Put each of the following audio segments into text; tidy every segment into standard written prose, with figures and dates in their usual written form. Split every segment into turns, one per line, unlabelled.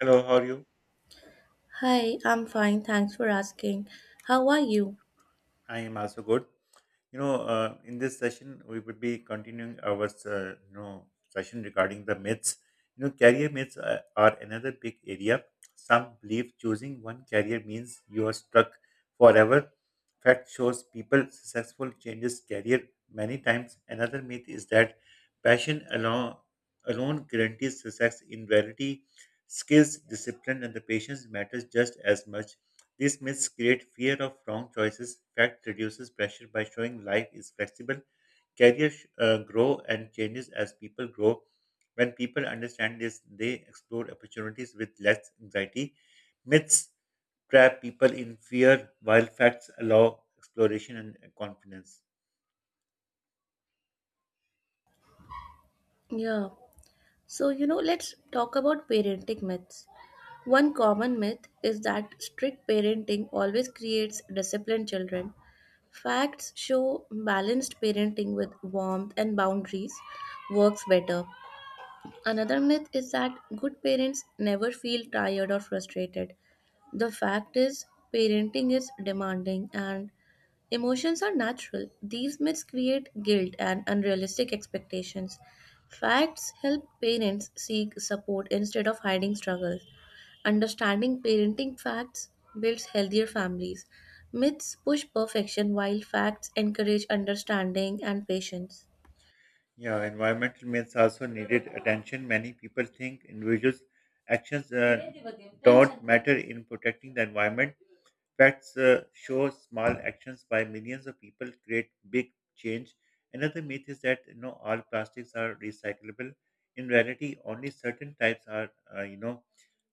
Hello, how are you?
Hi, I'm fine. Thanks for asking. How are you?
I am also good. In this session, we would be continuing our session regarding the myths. Career myths are another big area. Some believe choosing one career means you are stuck forever. Fact shows people successful changes career many times. Another myth is that passion alone guarantees success. In reality, skills, discipline, and the patience matters just as much. These myths create fear of wrong choices. Fact reduces pressure by showing life is flexible. Careers grow and changes as people grow. When people understand this, they explore opportunities with less anxiety. Myths trap people in fear, while facts allow exploration and confidence.
Yeah. So, you know, let's talk about parenting myths. One common myth is that strict parenting always creates disciplined children. Facts show balanced parenting with warmth and boundaries works better. Another myth is that good parents never feel tired or frustrated. The fact is, parenting is demanding and emotions are natural. These myths create guilt and unrealistic expectations. Facts help parents seek support instead of hiding struggles. Understanding parenting facts builds healthier families. Myths push perfection while facts encourage understanding and patience.
Yeah, environmental myths also needed attention. Many people think individuals' actions don't matter in protecting the environment. Facts show small actions by millions of people create big change. Another myth is that all plastics are recyclable. In reality, only certain types are. Uh, you know,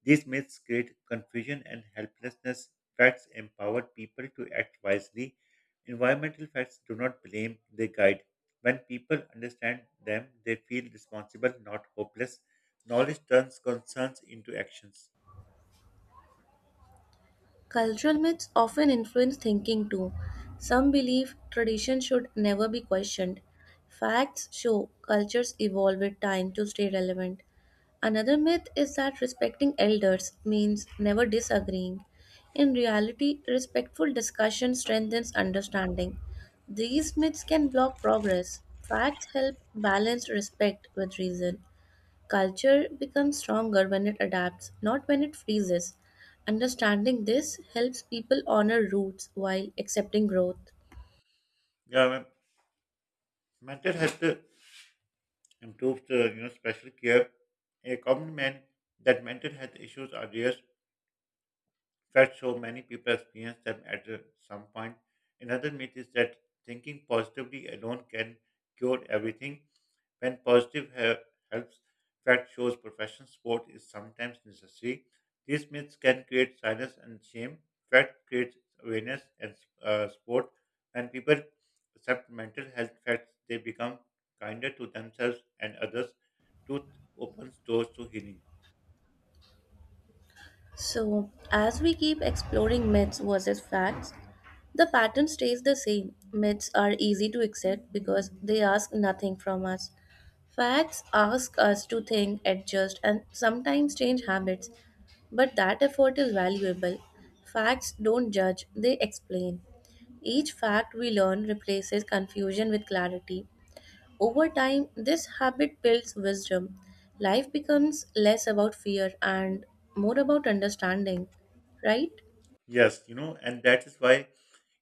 these myths create confusion and helplessness. Facts empower people to act wisely. Environmental facts do not blame; they guide. When people understand them, they feel responsible, not hopeless. Knowledge turns concerns into actions.
Cultural myths often influence thinking too. Some believe tradition should never be questioned. Facts show cultures evolve with time to stay relevant. Another myth is that respecting elders means never disagreeing. In reality, respectful discussion strengthens understanding. These myths can block progress. Facts help balance respect with reason. Culture becomes stronger when it adapts, not when it freezes. Understanding this helps people honor roots while accepting growth.
Yeah, mental health improves the special care. A common man that mental health issues are rare. Fact so many people experience them at some point. Another myth is that thinking positively alone can cure everything. When positive health fact shows professional sport is sometimes necessary, these myths can create silence and shame. Fact creates awareness and sport. When people accept mental health facts, they become kinder to themselves and others. Truth opens doors to healing.
So, as we keep exploring myths versus facts, the pattern stays the same. Myths are easy to accept because they ask nothing from us. Facts ask us to think, adjust, and sometimes change habits, but that effort is valuable. Facts don't judge, they explain. Each fact we learn replaces confusion with clarity. Over time, this habit builds wisdom. Life becomes less about fear and more about understanding, right?
Yes, and that is why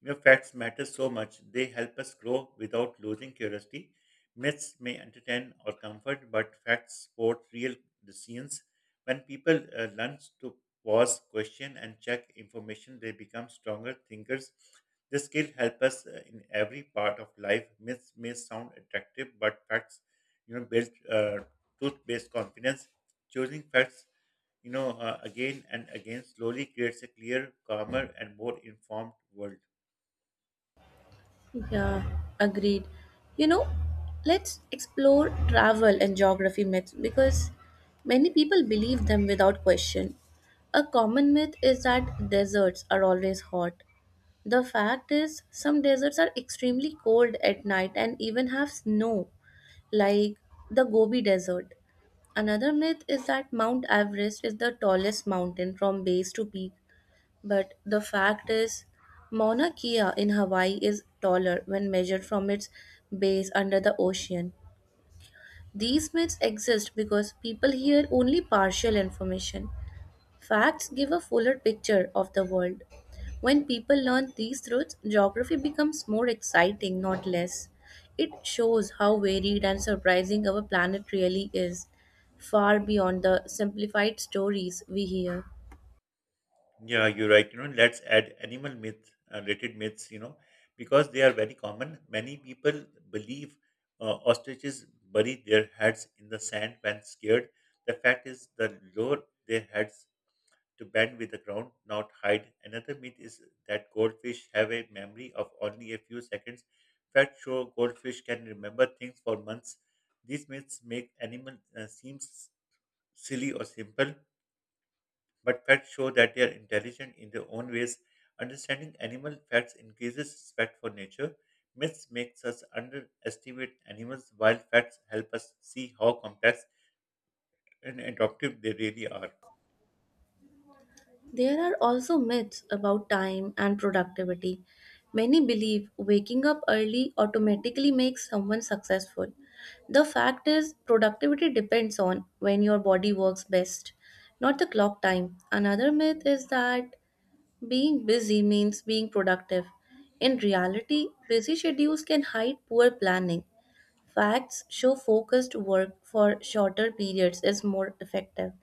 facts matter so much. They help us grow without losing curiosity. Myths may entertain or comfort, but facts support real decisions. When people learn to pause, question, and check information, they become stronger thinkers. This skill helps us in every part of life. Myths may sound attractive, but facts, you know, build truth-based confidence. Choosing facts again and again slowly creates a clear, calmer, and more informed world.
Yeah, agreed. You know, let's explore travel and geography myths because many people believe them without question. A common myth is that deserts are always hot. The fact is, some deserts are extremely cold at night and even have snow, like the Gobi Desert. Another myth is that Mount Everest is the tallest mountain from base to peak, but the fact is, Mauna Kea in Hawaii is taller when measured from its base under the ocean. These myths exist because people hear only partial information. Facts give a fuller picture of the world. When people learn these truths, geography becomes more exciting, not less. It shows how varied and surprising our planet really is, far beyond the simplified stories we hear.
Yeah, you're right. Let's add animal myth, related myths, because they are very common. Many people believe ostriches bury their heads in the sand when scared. The fact is, the lower their heads, to bend with the ground, not hide. Another myth is that goldfish have a memory of only a few seconds. Facts show goldfish can remember things for months. These myths make animals seem silly or simple, but facts show that they are intelligent in their own ways. Understanding animal facts increases respect for nature. Myths makes us underestimate animals, while facts help us see how complex and adaptive they really are.
There are also myths about time and productivity. Many believe waking up early automatically makes someone successful. The fact is, productivity depends on when your body works best, not the clock time. Another myth is that being busy means being productive. In reality, busy schedules can hide poor planning. Facts show focused work for shorter periods is more effective.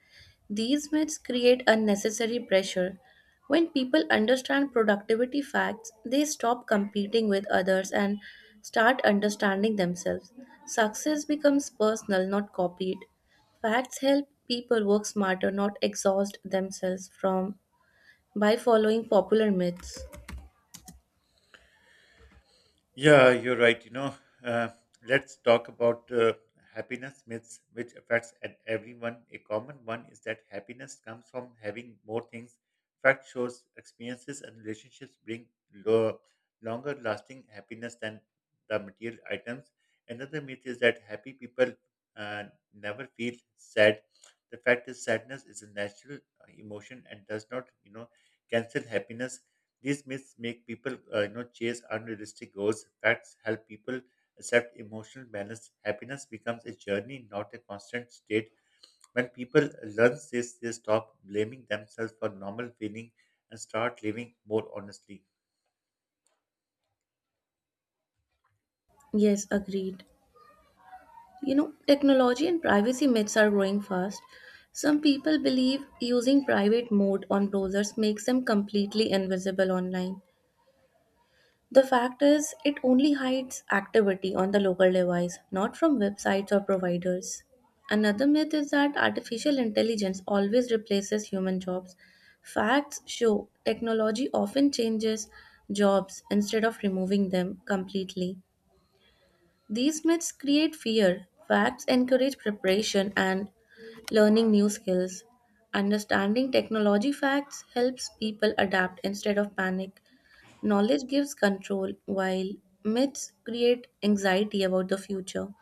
These myths create unnecessary pressure. When people understand productivity facts, they stop competing with others and start understanding themselves. Success becomes personal, not copied. Facts help people work smarter, not exhaust themselves from by following popular myths.
Yeah, you're right. Uh, let's talk about happiness myths, which affects at everyone. A common one is that happiness comes from having more things. Fact shows experiences and relationships bring lo- longer lasting happiness than the material items. Another myth is that happy people uh, never feel sad. The fact is, sadness is a natural emotion and does not, cancel happiness. These myths make people chase unrealistic goals. Facts help people accept emotional balance. Happiness becomes a journey, not a constant state. When people learn this, they stop blaming themselves for normal feeling and start living more honestly.
Yes, agreed. You know, technology and privacy myths are growing fast. Some people believe using private mode on browsers makes them completely invisible online. The fact is, it only hides activity on the local device, not from websites or providers. Another myth is that artificial intelligence always replaces human jobs. Facts show technology often changes jobs instead of removing them completely. These myths create fear. Facts encourage preparation and learning new skills. Understanding technology facts helps people adapt instead of panic. Knowledge gives control, while myths create anxiety about the future.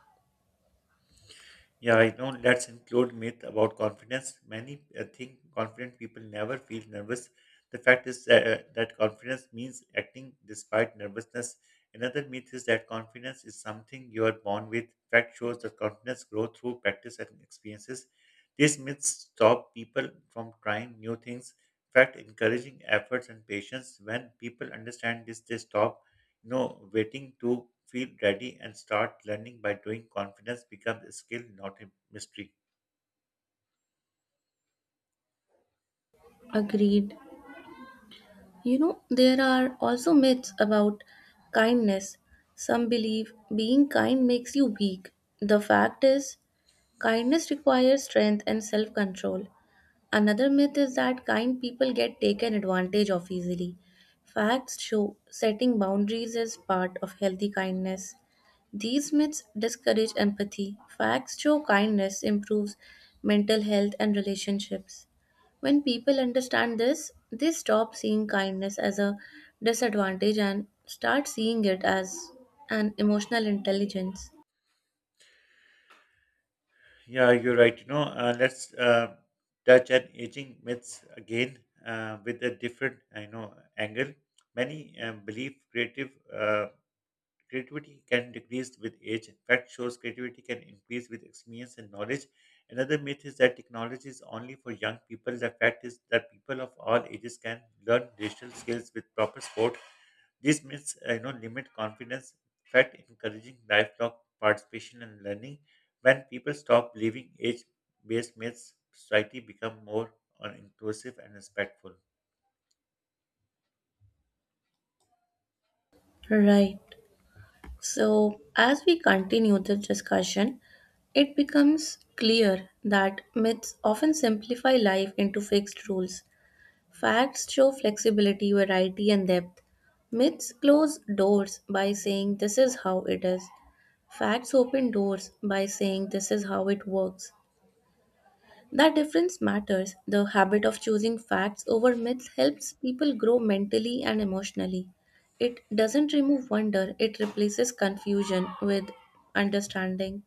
Yeah, I know. Let's include myth about confidence. Many think confident people never feel nervous. The fact is that confidence means acting despite nervousness. Another myth is that confidence is something you are born with. Fact shows that confidence grows through practice and experiences. These myths stop people from trying new things. Fact encouraging efforts and patience. When people understand this, they stop no, waiting to feel ready and start learning by doing. Confidence becomes a skill, not a mystery.
Agreed. You know, there are also myths about kindness. Some believe being kind makes you weak. The fact is, kindness requires strength and self control. Another myth is that kind people get taken advantage of easily. Facts show setting boundaries is part of healthy kindness. These myths discourage empathy. Facts show kindness improves mental health and relationships. When people understand this, they stop seeing kindness as a disadvantage and start seeing it as an emotional intelligence.
Yeah, you're right. Let's touch on aging myths again with a different, I know, angle. Many believe creative uh, creativity can decrease with age. In fact, shows creativity can increase with experience and knowledge. Another myth is that technology is only for young people. The fact is that people of all ages can learn digital skills with proper support. This means limit confidence, fat encouraging lifelong participation and learning. When people stop believing age-based myths, society become more inclusive and respectful.
Right. So, as we continue the discussion, it becomes clear that myths often simplify life into fixed rules. Facts show flexibility, variety, and depth. Myths close doors by saying this is how it is. Facts open doors by saying this is how it works. That difference matters. The habit of choosing facts over myths helps people grow mentally and emotionally. It doesn't remove wonder, it replaces confusion with understanding.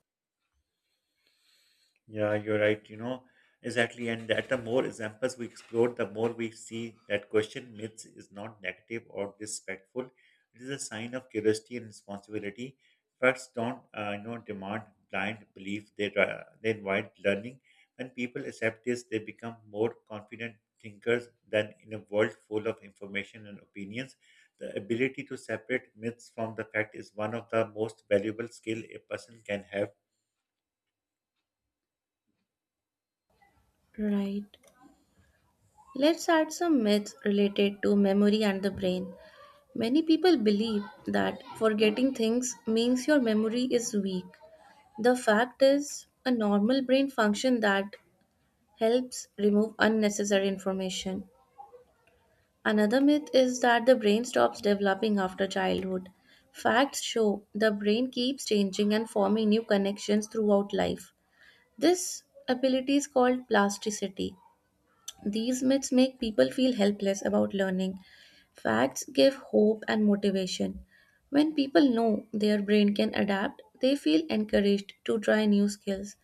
Yeah, you're right. Exactly. And that the more examples we explore, the more we see that question myths is not negative or disrespectful. It is a sign of curiosity and responsibility. Facts don't, you know, demand blind belief. They invite learning. When people accept this, they become more confident thinkers than in a world full of information and opinions. The ability to separate myths from the fact is one of the most valuable skill a person can have.
Right. Let's add some myths related to memory and the brain. Many people believe that forgetting things means your memory is weak. The fact is, a normal brain function that helps remove unnecessary information. Another myth is that the brain stops developing after childhood. Facts show the brain keeps changing and forming new connections throughout life. This ability is called plasticity. These myths make people feel helpless about learning. Facts give hope and motivation. When people know their brain can adapt, they feel encouraged to try new skills.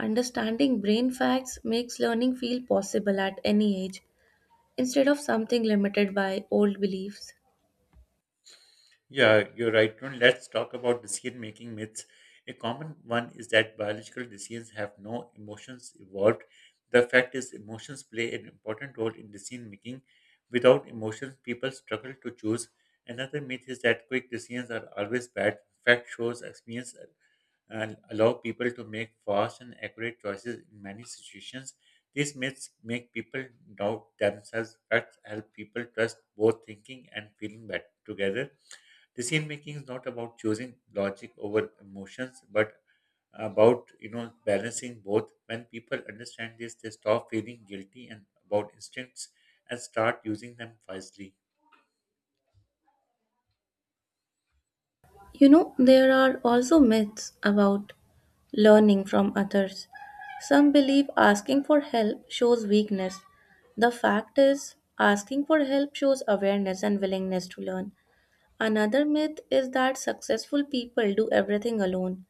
Understanding brain facts makes learning feel possible at any age instead of something limited by old beliefs.
Yeah, you're right. Now let's talk about decision-making myths. A common one is that biological decisions have no emotions involved. The fact is, emotions play an important role in decision-making. Without emotions, people struggle to choose. Another myth is that quick decisions are always bad. Fact shows experience and allow people to make fast and accurate choices in many situations. These myths make people doubt themselves. Facts help people trust both thinking and feeling better together. Decision making is not about choosing logic over emotions, but about balancing both. When people understand this, they stop feeling guilty and about instincts and start using them wisely.
You know, there are also myths about learning from others. Some believe asking for help shows weakness. The fact is, asking for help shows awareness and willingness to learn. Another myth is that successful people do everything alone.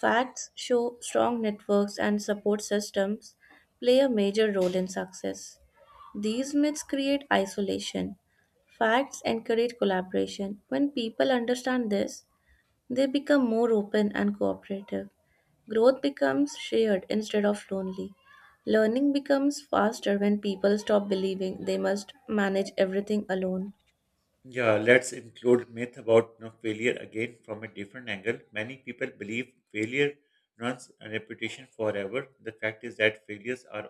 Facts show strong networks and support systems play a major role in success. These myths create isolation. Facts encourage collaboration. When people understand this, they become more open and cooperative. Growth becomes shared instead of lonely. Learning becomes faster when people stop believing they must manage everything alone.
Yeah, let's include myth about failure again from a different angle. Many people believe failure runs a reputation forever. The fact is that failures are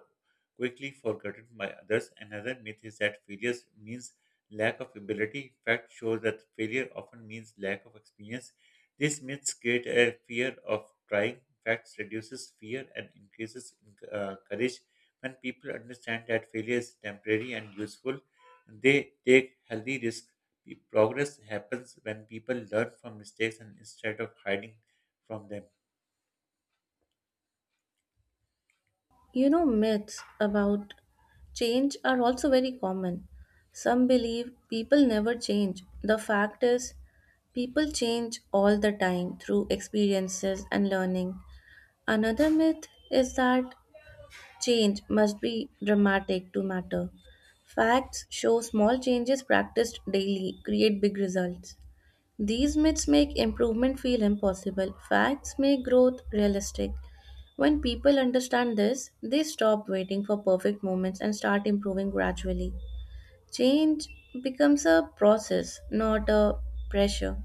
quickly forgotten by others. Another myth is that failures means lack of ability. Fact shows that failure often means lack of experience. These myths create a fear of trying. Facts reduces fear and increases courage. When people understand that failure is temporary and useful, they take healthy risks. Progress happens when people learn from mistakes and instead of hiding from them.
You know, myths about change are also very common. Some believe people never change. The fact is, people change all the time through experiences and learning. Another myth is that change must be dramatic to matter. Facts show small changes practiced daily create big results. These myths make improvement feel impossible. Facts make growth realistic. When people understand this, they stop waiting for perfect moments and start improving gradually. Change becomes a process, not a pressure.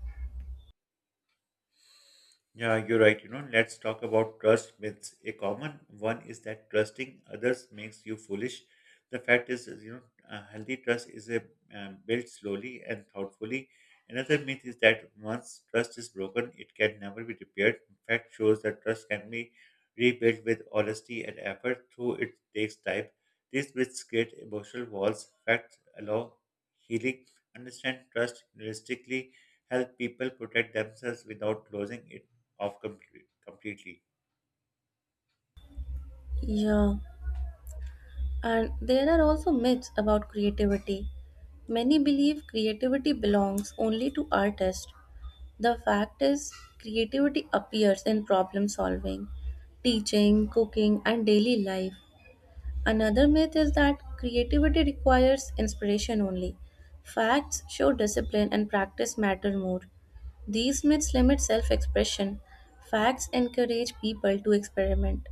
Yeah, you're right. Let's talk about trust myths. A common one is that trusting others makes you foolish. The fact is, healthy trust is a built slowly and thoughtfully. Another myth is that once trust is broken, it can never be repaired. In fact, shows that trust can be rebuilt with honesty and effort, though it takes time. These myths create emotional walls. Facts allow healing. Understand trust realistically help people protect themselves without losing it off completely.
Yeah, and there are also myths about creativity. Many believe creativity belongs only to artists. The fact is, creativity appears in problem solving, teaching, cooking, and daily life. Another myth is that creativity requires inspiration only. Facts show discipline and practice matter more. These myths limit self expression. Facts encourage people to experiment.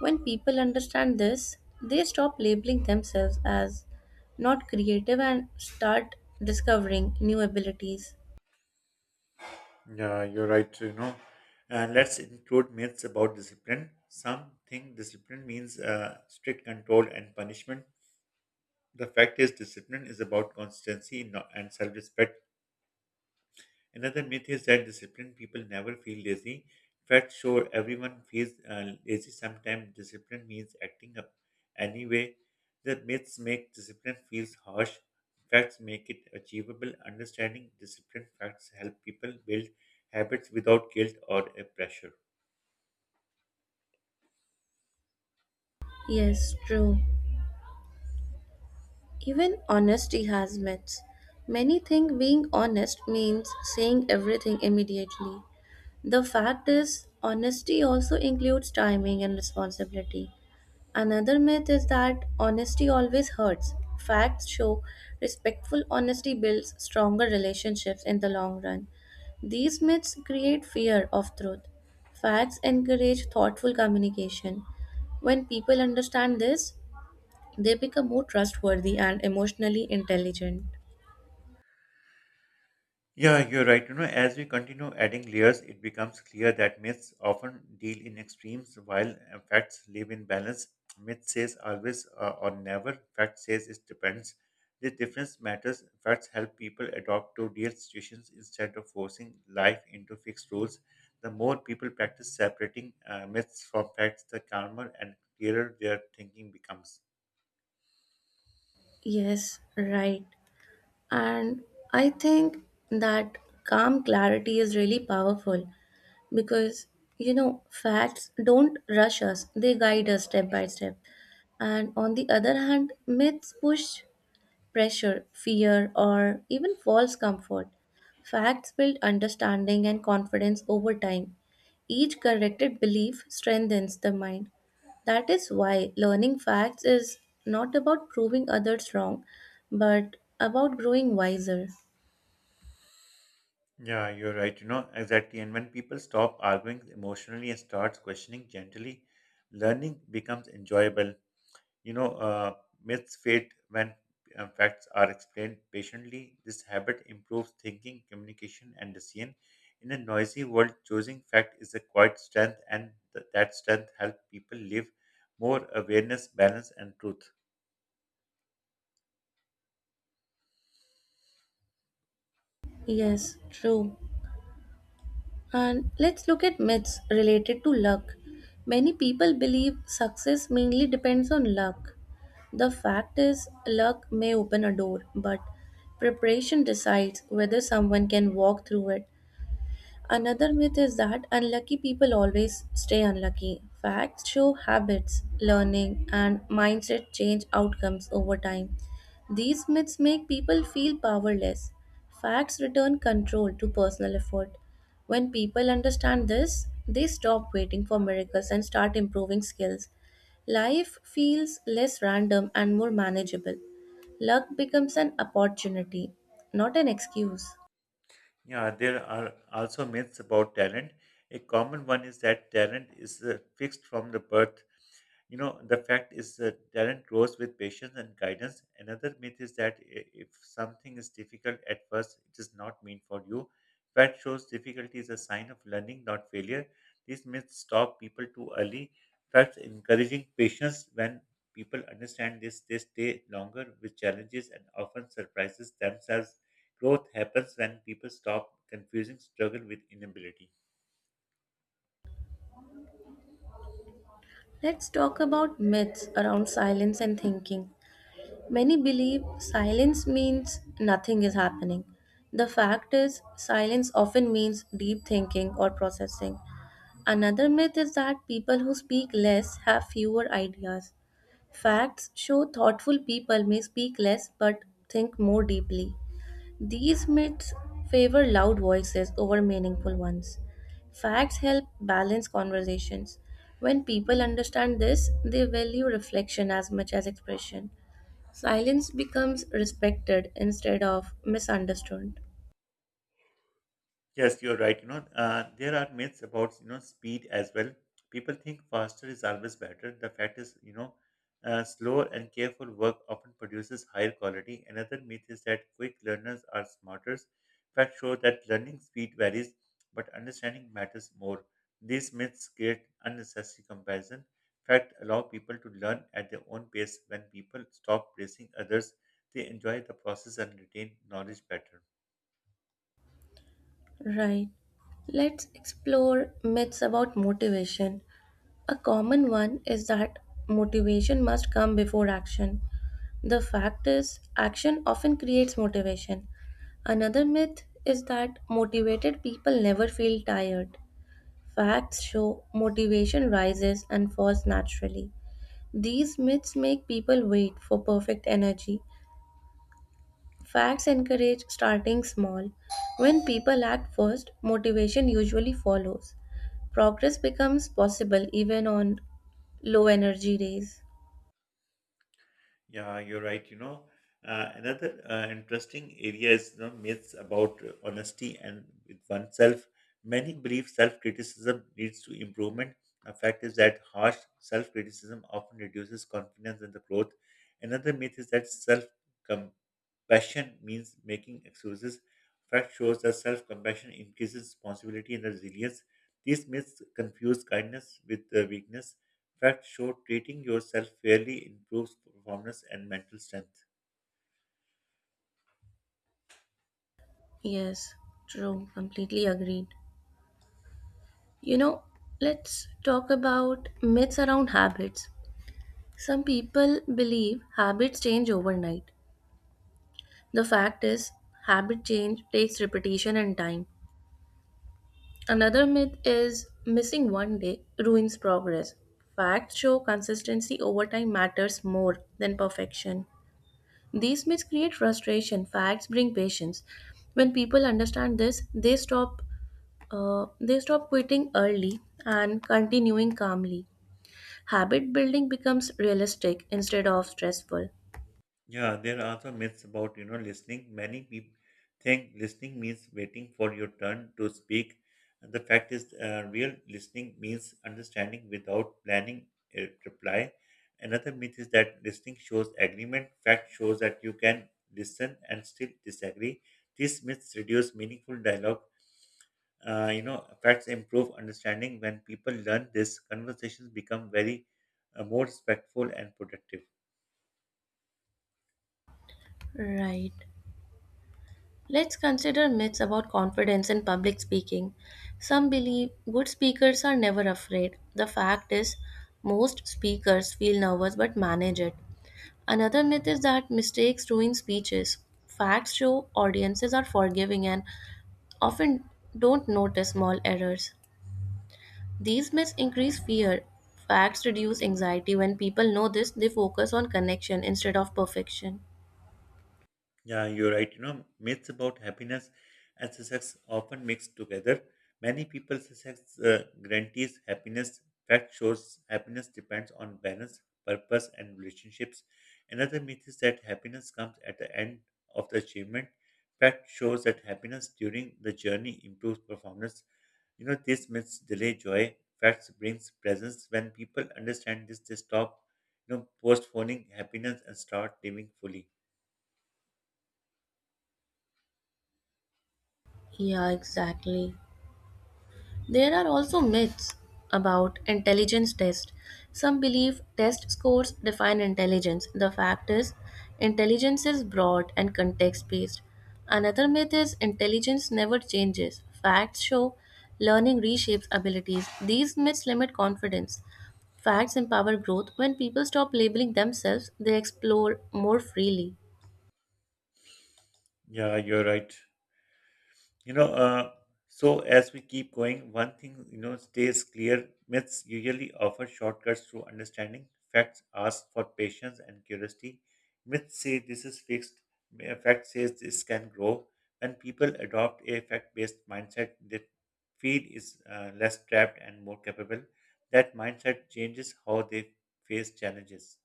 When people understand this, they stop labeling themselves as not creative and start discovering new abilities.
Yeah, you're right. And let's include myths about discipline. Some think discipline means strict control and punishment. The fact is, discipline is about consistency and self respect. Another myth is that disciplined people never feel lazy. In fact, sure, everyone feels lazy sometimes. Discipline means acting up anyway. The myths make discipline feels harsh. Facts make it achievable. Understanding discipline facts help people build habits without guilt or pressure.
Yes, true. Even honesty has myths. Many think being honest means saying everything immediately. The fact is, honesty also includes timing and responsibility. Another myth is that honesty always hurts. Facts show respectful honesty builds stronger relationships in the long run. These myths create fear of truth. Facts encourage thoughtful communication. When people understand this, they become more trustworthy and emotionally intelligent.
Yeah, you're right. As we continue adding layers, it becomes clear that myths often deal in extremes while facts live in balance. Myth says always or never, fact says it depends. This difference matters. Facts help people adopt to real situations instead of forcing life into fixed rules. The more people practice separating myths from facts, the calmer and clearer their thinking becomes.
Yes, right. And I think that calm clarity is really powerful because, you know, facts don't rush us, they guide us step by step. And on the other hand, myths push pressure, fear, or even false comfort. Facts build understanding and confidence over time. Each corrected belief strengthens the mind. That is why learning facts is not about proving others wrong, but about growing wiser.
Yeah, you're right. Exactly. And when people stop arguing emotionally and starts questioning gently, learning becomes enjoyable. You know, uh, myths fade when facts are explained patiently. This habit improves thinking, communication, and decision. In a noisy world, choosing fact is a quiet strength, and that strength helps people live more awareness, balance, and truth.
Yes, true. And let's look at myths related to luck. Many people believe success mainly depends on luck. The fact is, luck may open a door, but preparation decides whether someone can walk through it. Another myth is that unlucky people always stay unlucky. Facts show habits, learning, and mindset change outcomes over time. These myths make people feel powerless. Facts return control to personal effort. When people understand this, they stop waiting for miracles and start improving skills. Life feels less random and more manageable. Luck becomes an opportunity, not an excuse.
Yeah, there are also myths about talent. A common one is that talent is fixed from the birth. The fact is that talent grows with patience and guidance. Another myth is that if something is difficult at first, it is not meant for you. Fact shows difficulty is a sign of learning, not failure. These myths stop people too early. Facts encouraging patience when people understand this, they stay longer with challenges and often surprises themselves. Growth happens when people stop confusing struggle with inability.
Let's talk about myths around silence and thinking. Many believe silence means nothing is happening. The fact is, silence often means deep thinking or processing. Another myth is that people who speak less have fewer ideas. Facts show thoughtful people may speak less but think more deeply. These myths favor loud voices over meaningful ones. Facts help balance conversations. When people understand this, they value reflection as much as expression. Silence becomes respected instead of misunderstood.
Yes, you're right. There are myths about speed as well. People think faster is always better. The fact is, slow and careful work often produces higher quality. Another myth is that quick learners are smarter. Facts show that learning speed varies, but understanding matters more. These myths create unnecessary comparison. Fact allow people to learn at their own pace. When people stop racing others, they enjoy the process and retain knowledge better.
Right. Let's explore myths about motivation. A common one is that motivation must come before action. The fact is, action often creates motivation. Another myth is that motivated people never feel tired. Facts show motivation rises and falls naturally. These myths make people wait for perfect energy. Facts encourage starting small. When people act first, motivation usually follows. Progress becomes possible even on low energy days.
Yeah, you're right. Another interesting area is the myths about honesty and with oneself. Many believe self-criticism leads to improvement. A fact is that harsh self-criticism often reduces confidence and the growth. Another myth is that self-compassion means making excuses. Fact shows that self-compassion increases responsibility and resilience. These myths confuse kindness with weakness. Facts show treating yourself fairly improves performance and mental strength.
Yes, true, completely agreed. You know, let's talk about myths around habits. Some people believe habits change overnight. The fact is, habit change takes repetition and time. Another myth is missing one day ruins progress. Facts show consistency over time matters more than perfection. These myths create frustration, facts bring patience. When people understand this, they stop quitting early and continuing calmly. Habit building becomes realistic instead of stressful.
Yeah, there are also myths about listening. Many people think listening means waiting for your turn to speak. And the fact is, real listening means understanding without planning a reply. Another myth is that listening shows agreement. Fact shows that you can listen and still disagree. These myths reduce meaningful dialogue. Facts improve understanding. When people learn this, conversations become very more respectful and productive.
Right. Let's consider myths about confidence in public speaking. Some believe good speakers are never afraid. The fact is, most speakers feel nervous but manage it. Another myth is that mistakes ruin speeches. Facts show audiences are forgiving and often don't notice small errors. These myths increase fear. Facts reduce anxiety. When people know this, they focus on connection instead of perfection.
Yeah, you're right. You know, myths about happiness and success often mixed together. Many people success guarantees happiness. Fact shows happiness depends on balance, purpose, and relationships. Another myth is that happiness comes at the end of the achievement. Fact shows that happiness during the journey improves performance. This myths delay joy. Facts brings presence. When people understand this, they stop postponing happiness and start living fully.
Yeah, exactly. There are also myths about intelligence tests. Some believe test scores define intelligence. The fact is, intelligence is broad and context based. Another myth is intelligence never changes. Facts show learning reshapes abilities. These myths limit confidence. Facts empower growth. When people stop labeling themselves, they explore more freely.
Yeah, you're right. You know, uh, so as we keep going, one thing stays clear. Myths usually offer shortcuts to understanding. Facts ask for patience and curiosity. Myths say this is fixed. Fact says this can grow. When people adopt a fact-based mindset, they feel is less trapped and more capable. That mindset changes how they face challenges.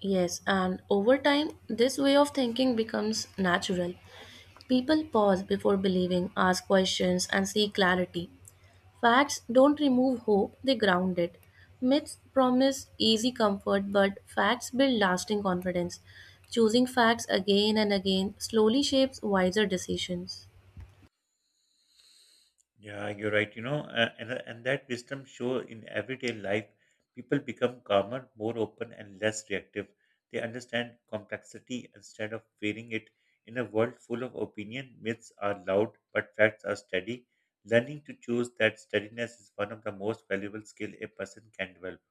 Yes, and over time, this way of thinking becomes natural. People pause before believing, ask questions, and seek clarity. Facts don't remove hope, they ground it. Myths promise easy comfort, but facts build lasting confidence. Choosing facts again and again slowly shapes wiser decisions.
Yeah, you're right. And that wisdom show in everyday life, people become calmer, more open, and less reactive. They understand complexity instead of fearing it. In a world full of opinion, myths are loud, but facts are steady. Learning to choose that steadiness is one of the most valuable skill a person can develop.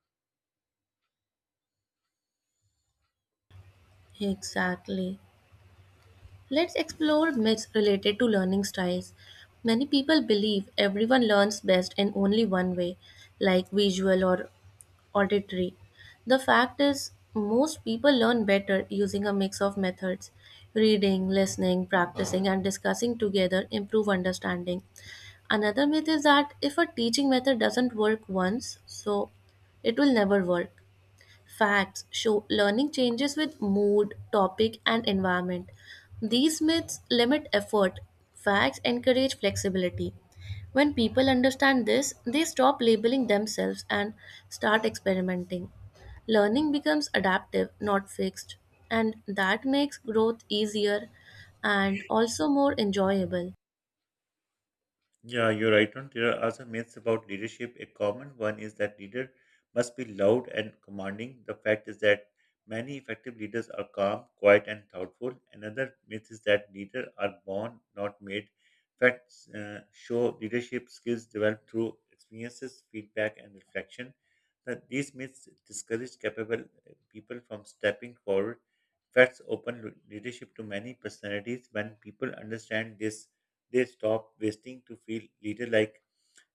Exactly. Let's explore myths related to learning styles. Many people believe everyone learns best in only one way, like visual or auditory. The fact is, most people learn better using a mix of methods. Reading, listening, practicing, and discussing together improve understanding. Another myth is that if a teaching method doesn't work once, so it will never work. Facts show learning changes with mood, topic, and environment. These myths limit effort. Facts encourage flexibility. When people understand this, they stop labeling themselves and start experimenting. Learning becomes adaptive, not fixed, and that makes growth easier and also more enjoyable.
Yeah, you're right on. There are also myths about leadership. A common one is that leader must be loud and commanding. The fact is that many effective leaders are calm, quiet, and thoughtful. Another myth is that leaders are born, not made. Facts show leadership skills developed through experiences, feedback, and reflection. That these myths discourage capable people from stepping forward. Facts open leadership to many personalities. When people understand this, they stop wasting to feel leader like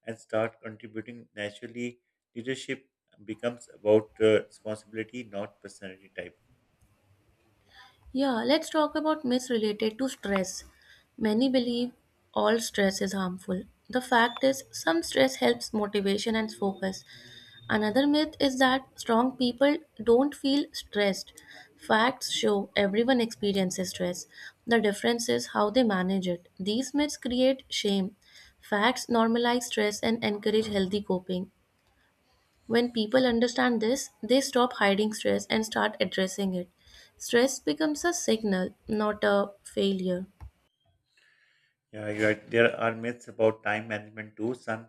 and start contributing naturally. Leadership becomes about responsibility, not personality type.
Yeah, let's talk about myths related to stress. Many believe all stress is harmful. The fact is, some stress helps motivation and focus. Another myth is that strong people don't feel stressed. Facts show everyone experiences stress. The difference is how they manage it. These myths create shame. Facts normalize stress and encourage healthy coping. When people understand this, they stop hiding stress and start addressing it. Stress becomes a signal, not a failure.
There are myths about time management too. Some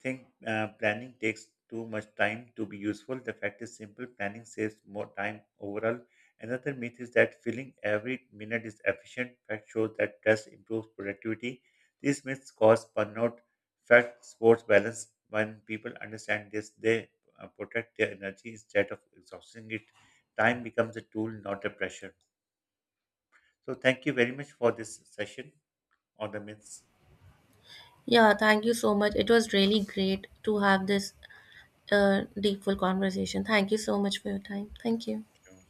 think planning takes too much time to be useful. The fact is simple planning saves more time overall. Another myth is that filling every minute is efficient. Fact shows that rest improves productivity. These myths cause burnout. Fact supports balance. When people understand this, they protect their energy instead of exhausting it. Time becomes a tool, not a pressure. So, thank you very much for this session on the myths.
Yeah, thank you so much. It was really great to have this deep full conversation. Thank you so much for your time. Thank you.
Thank you.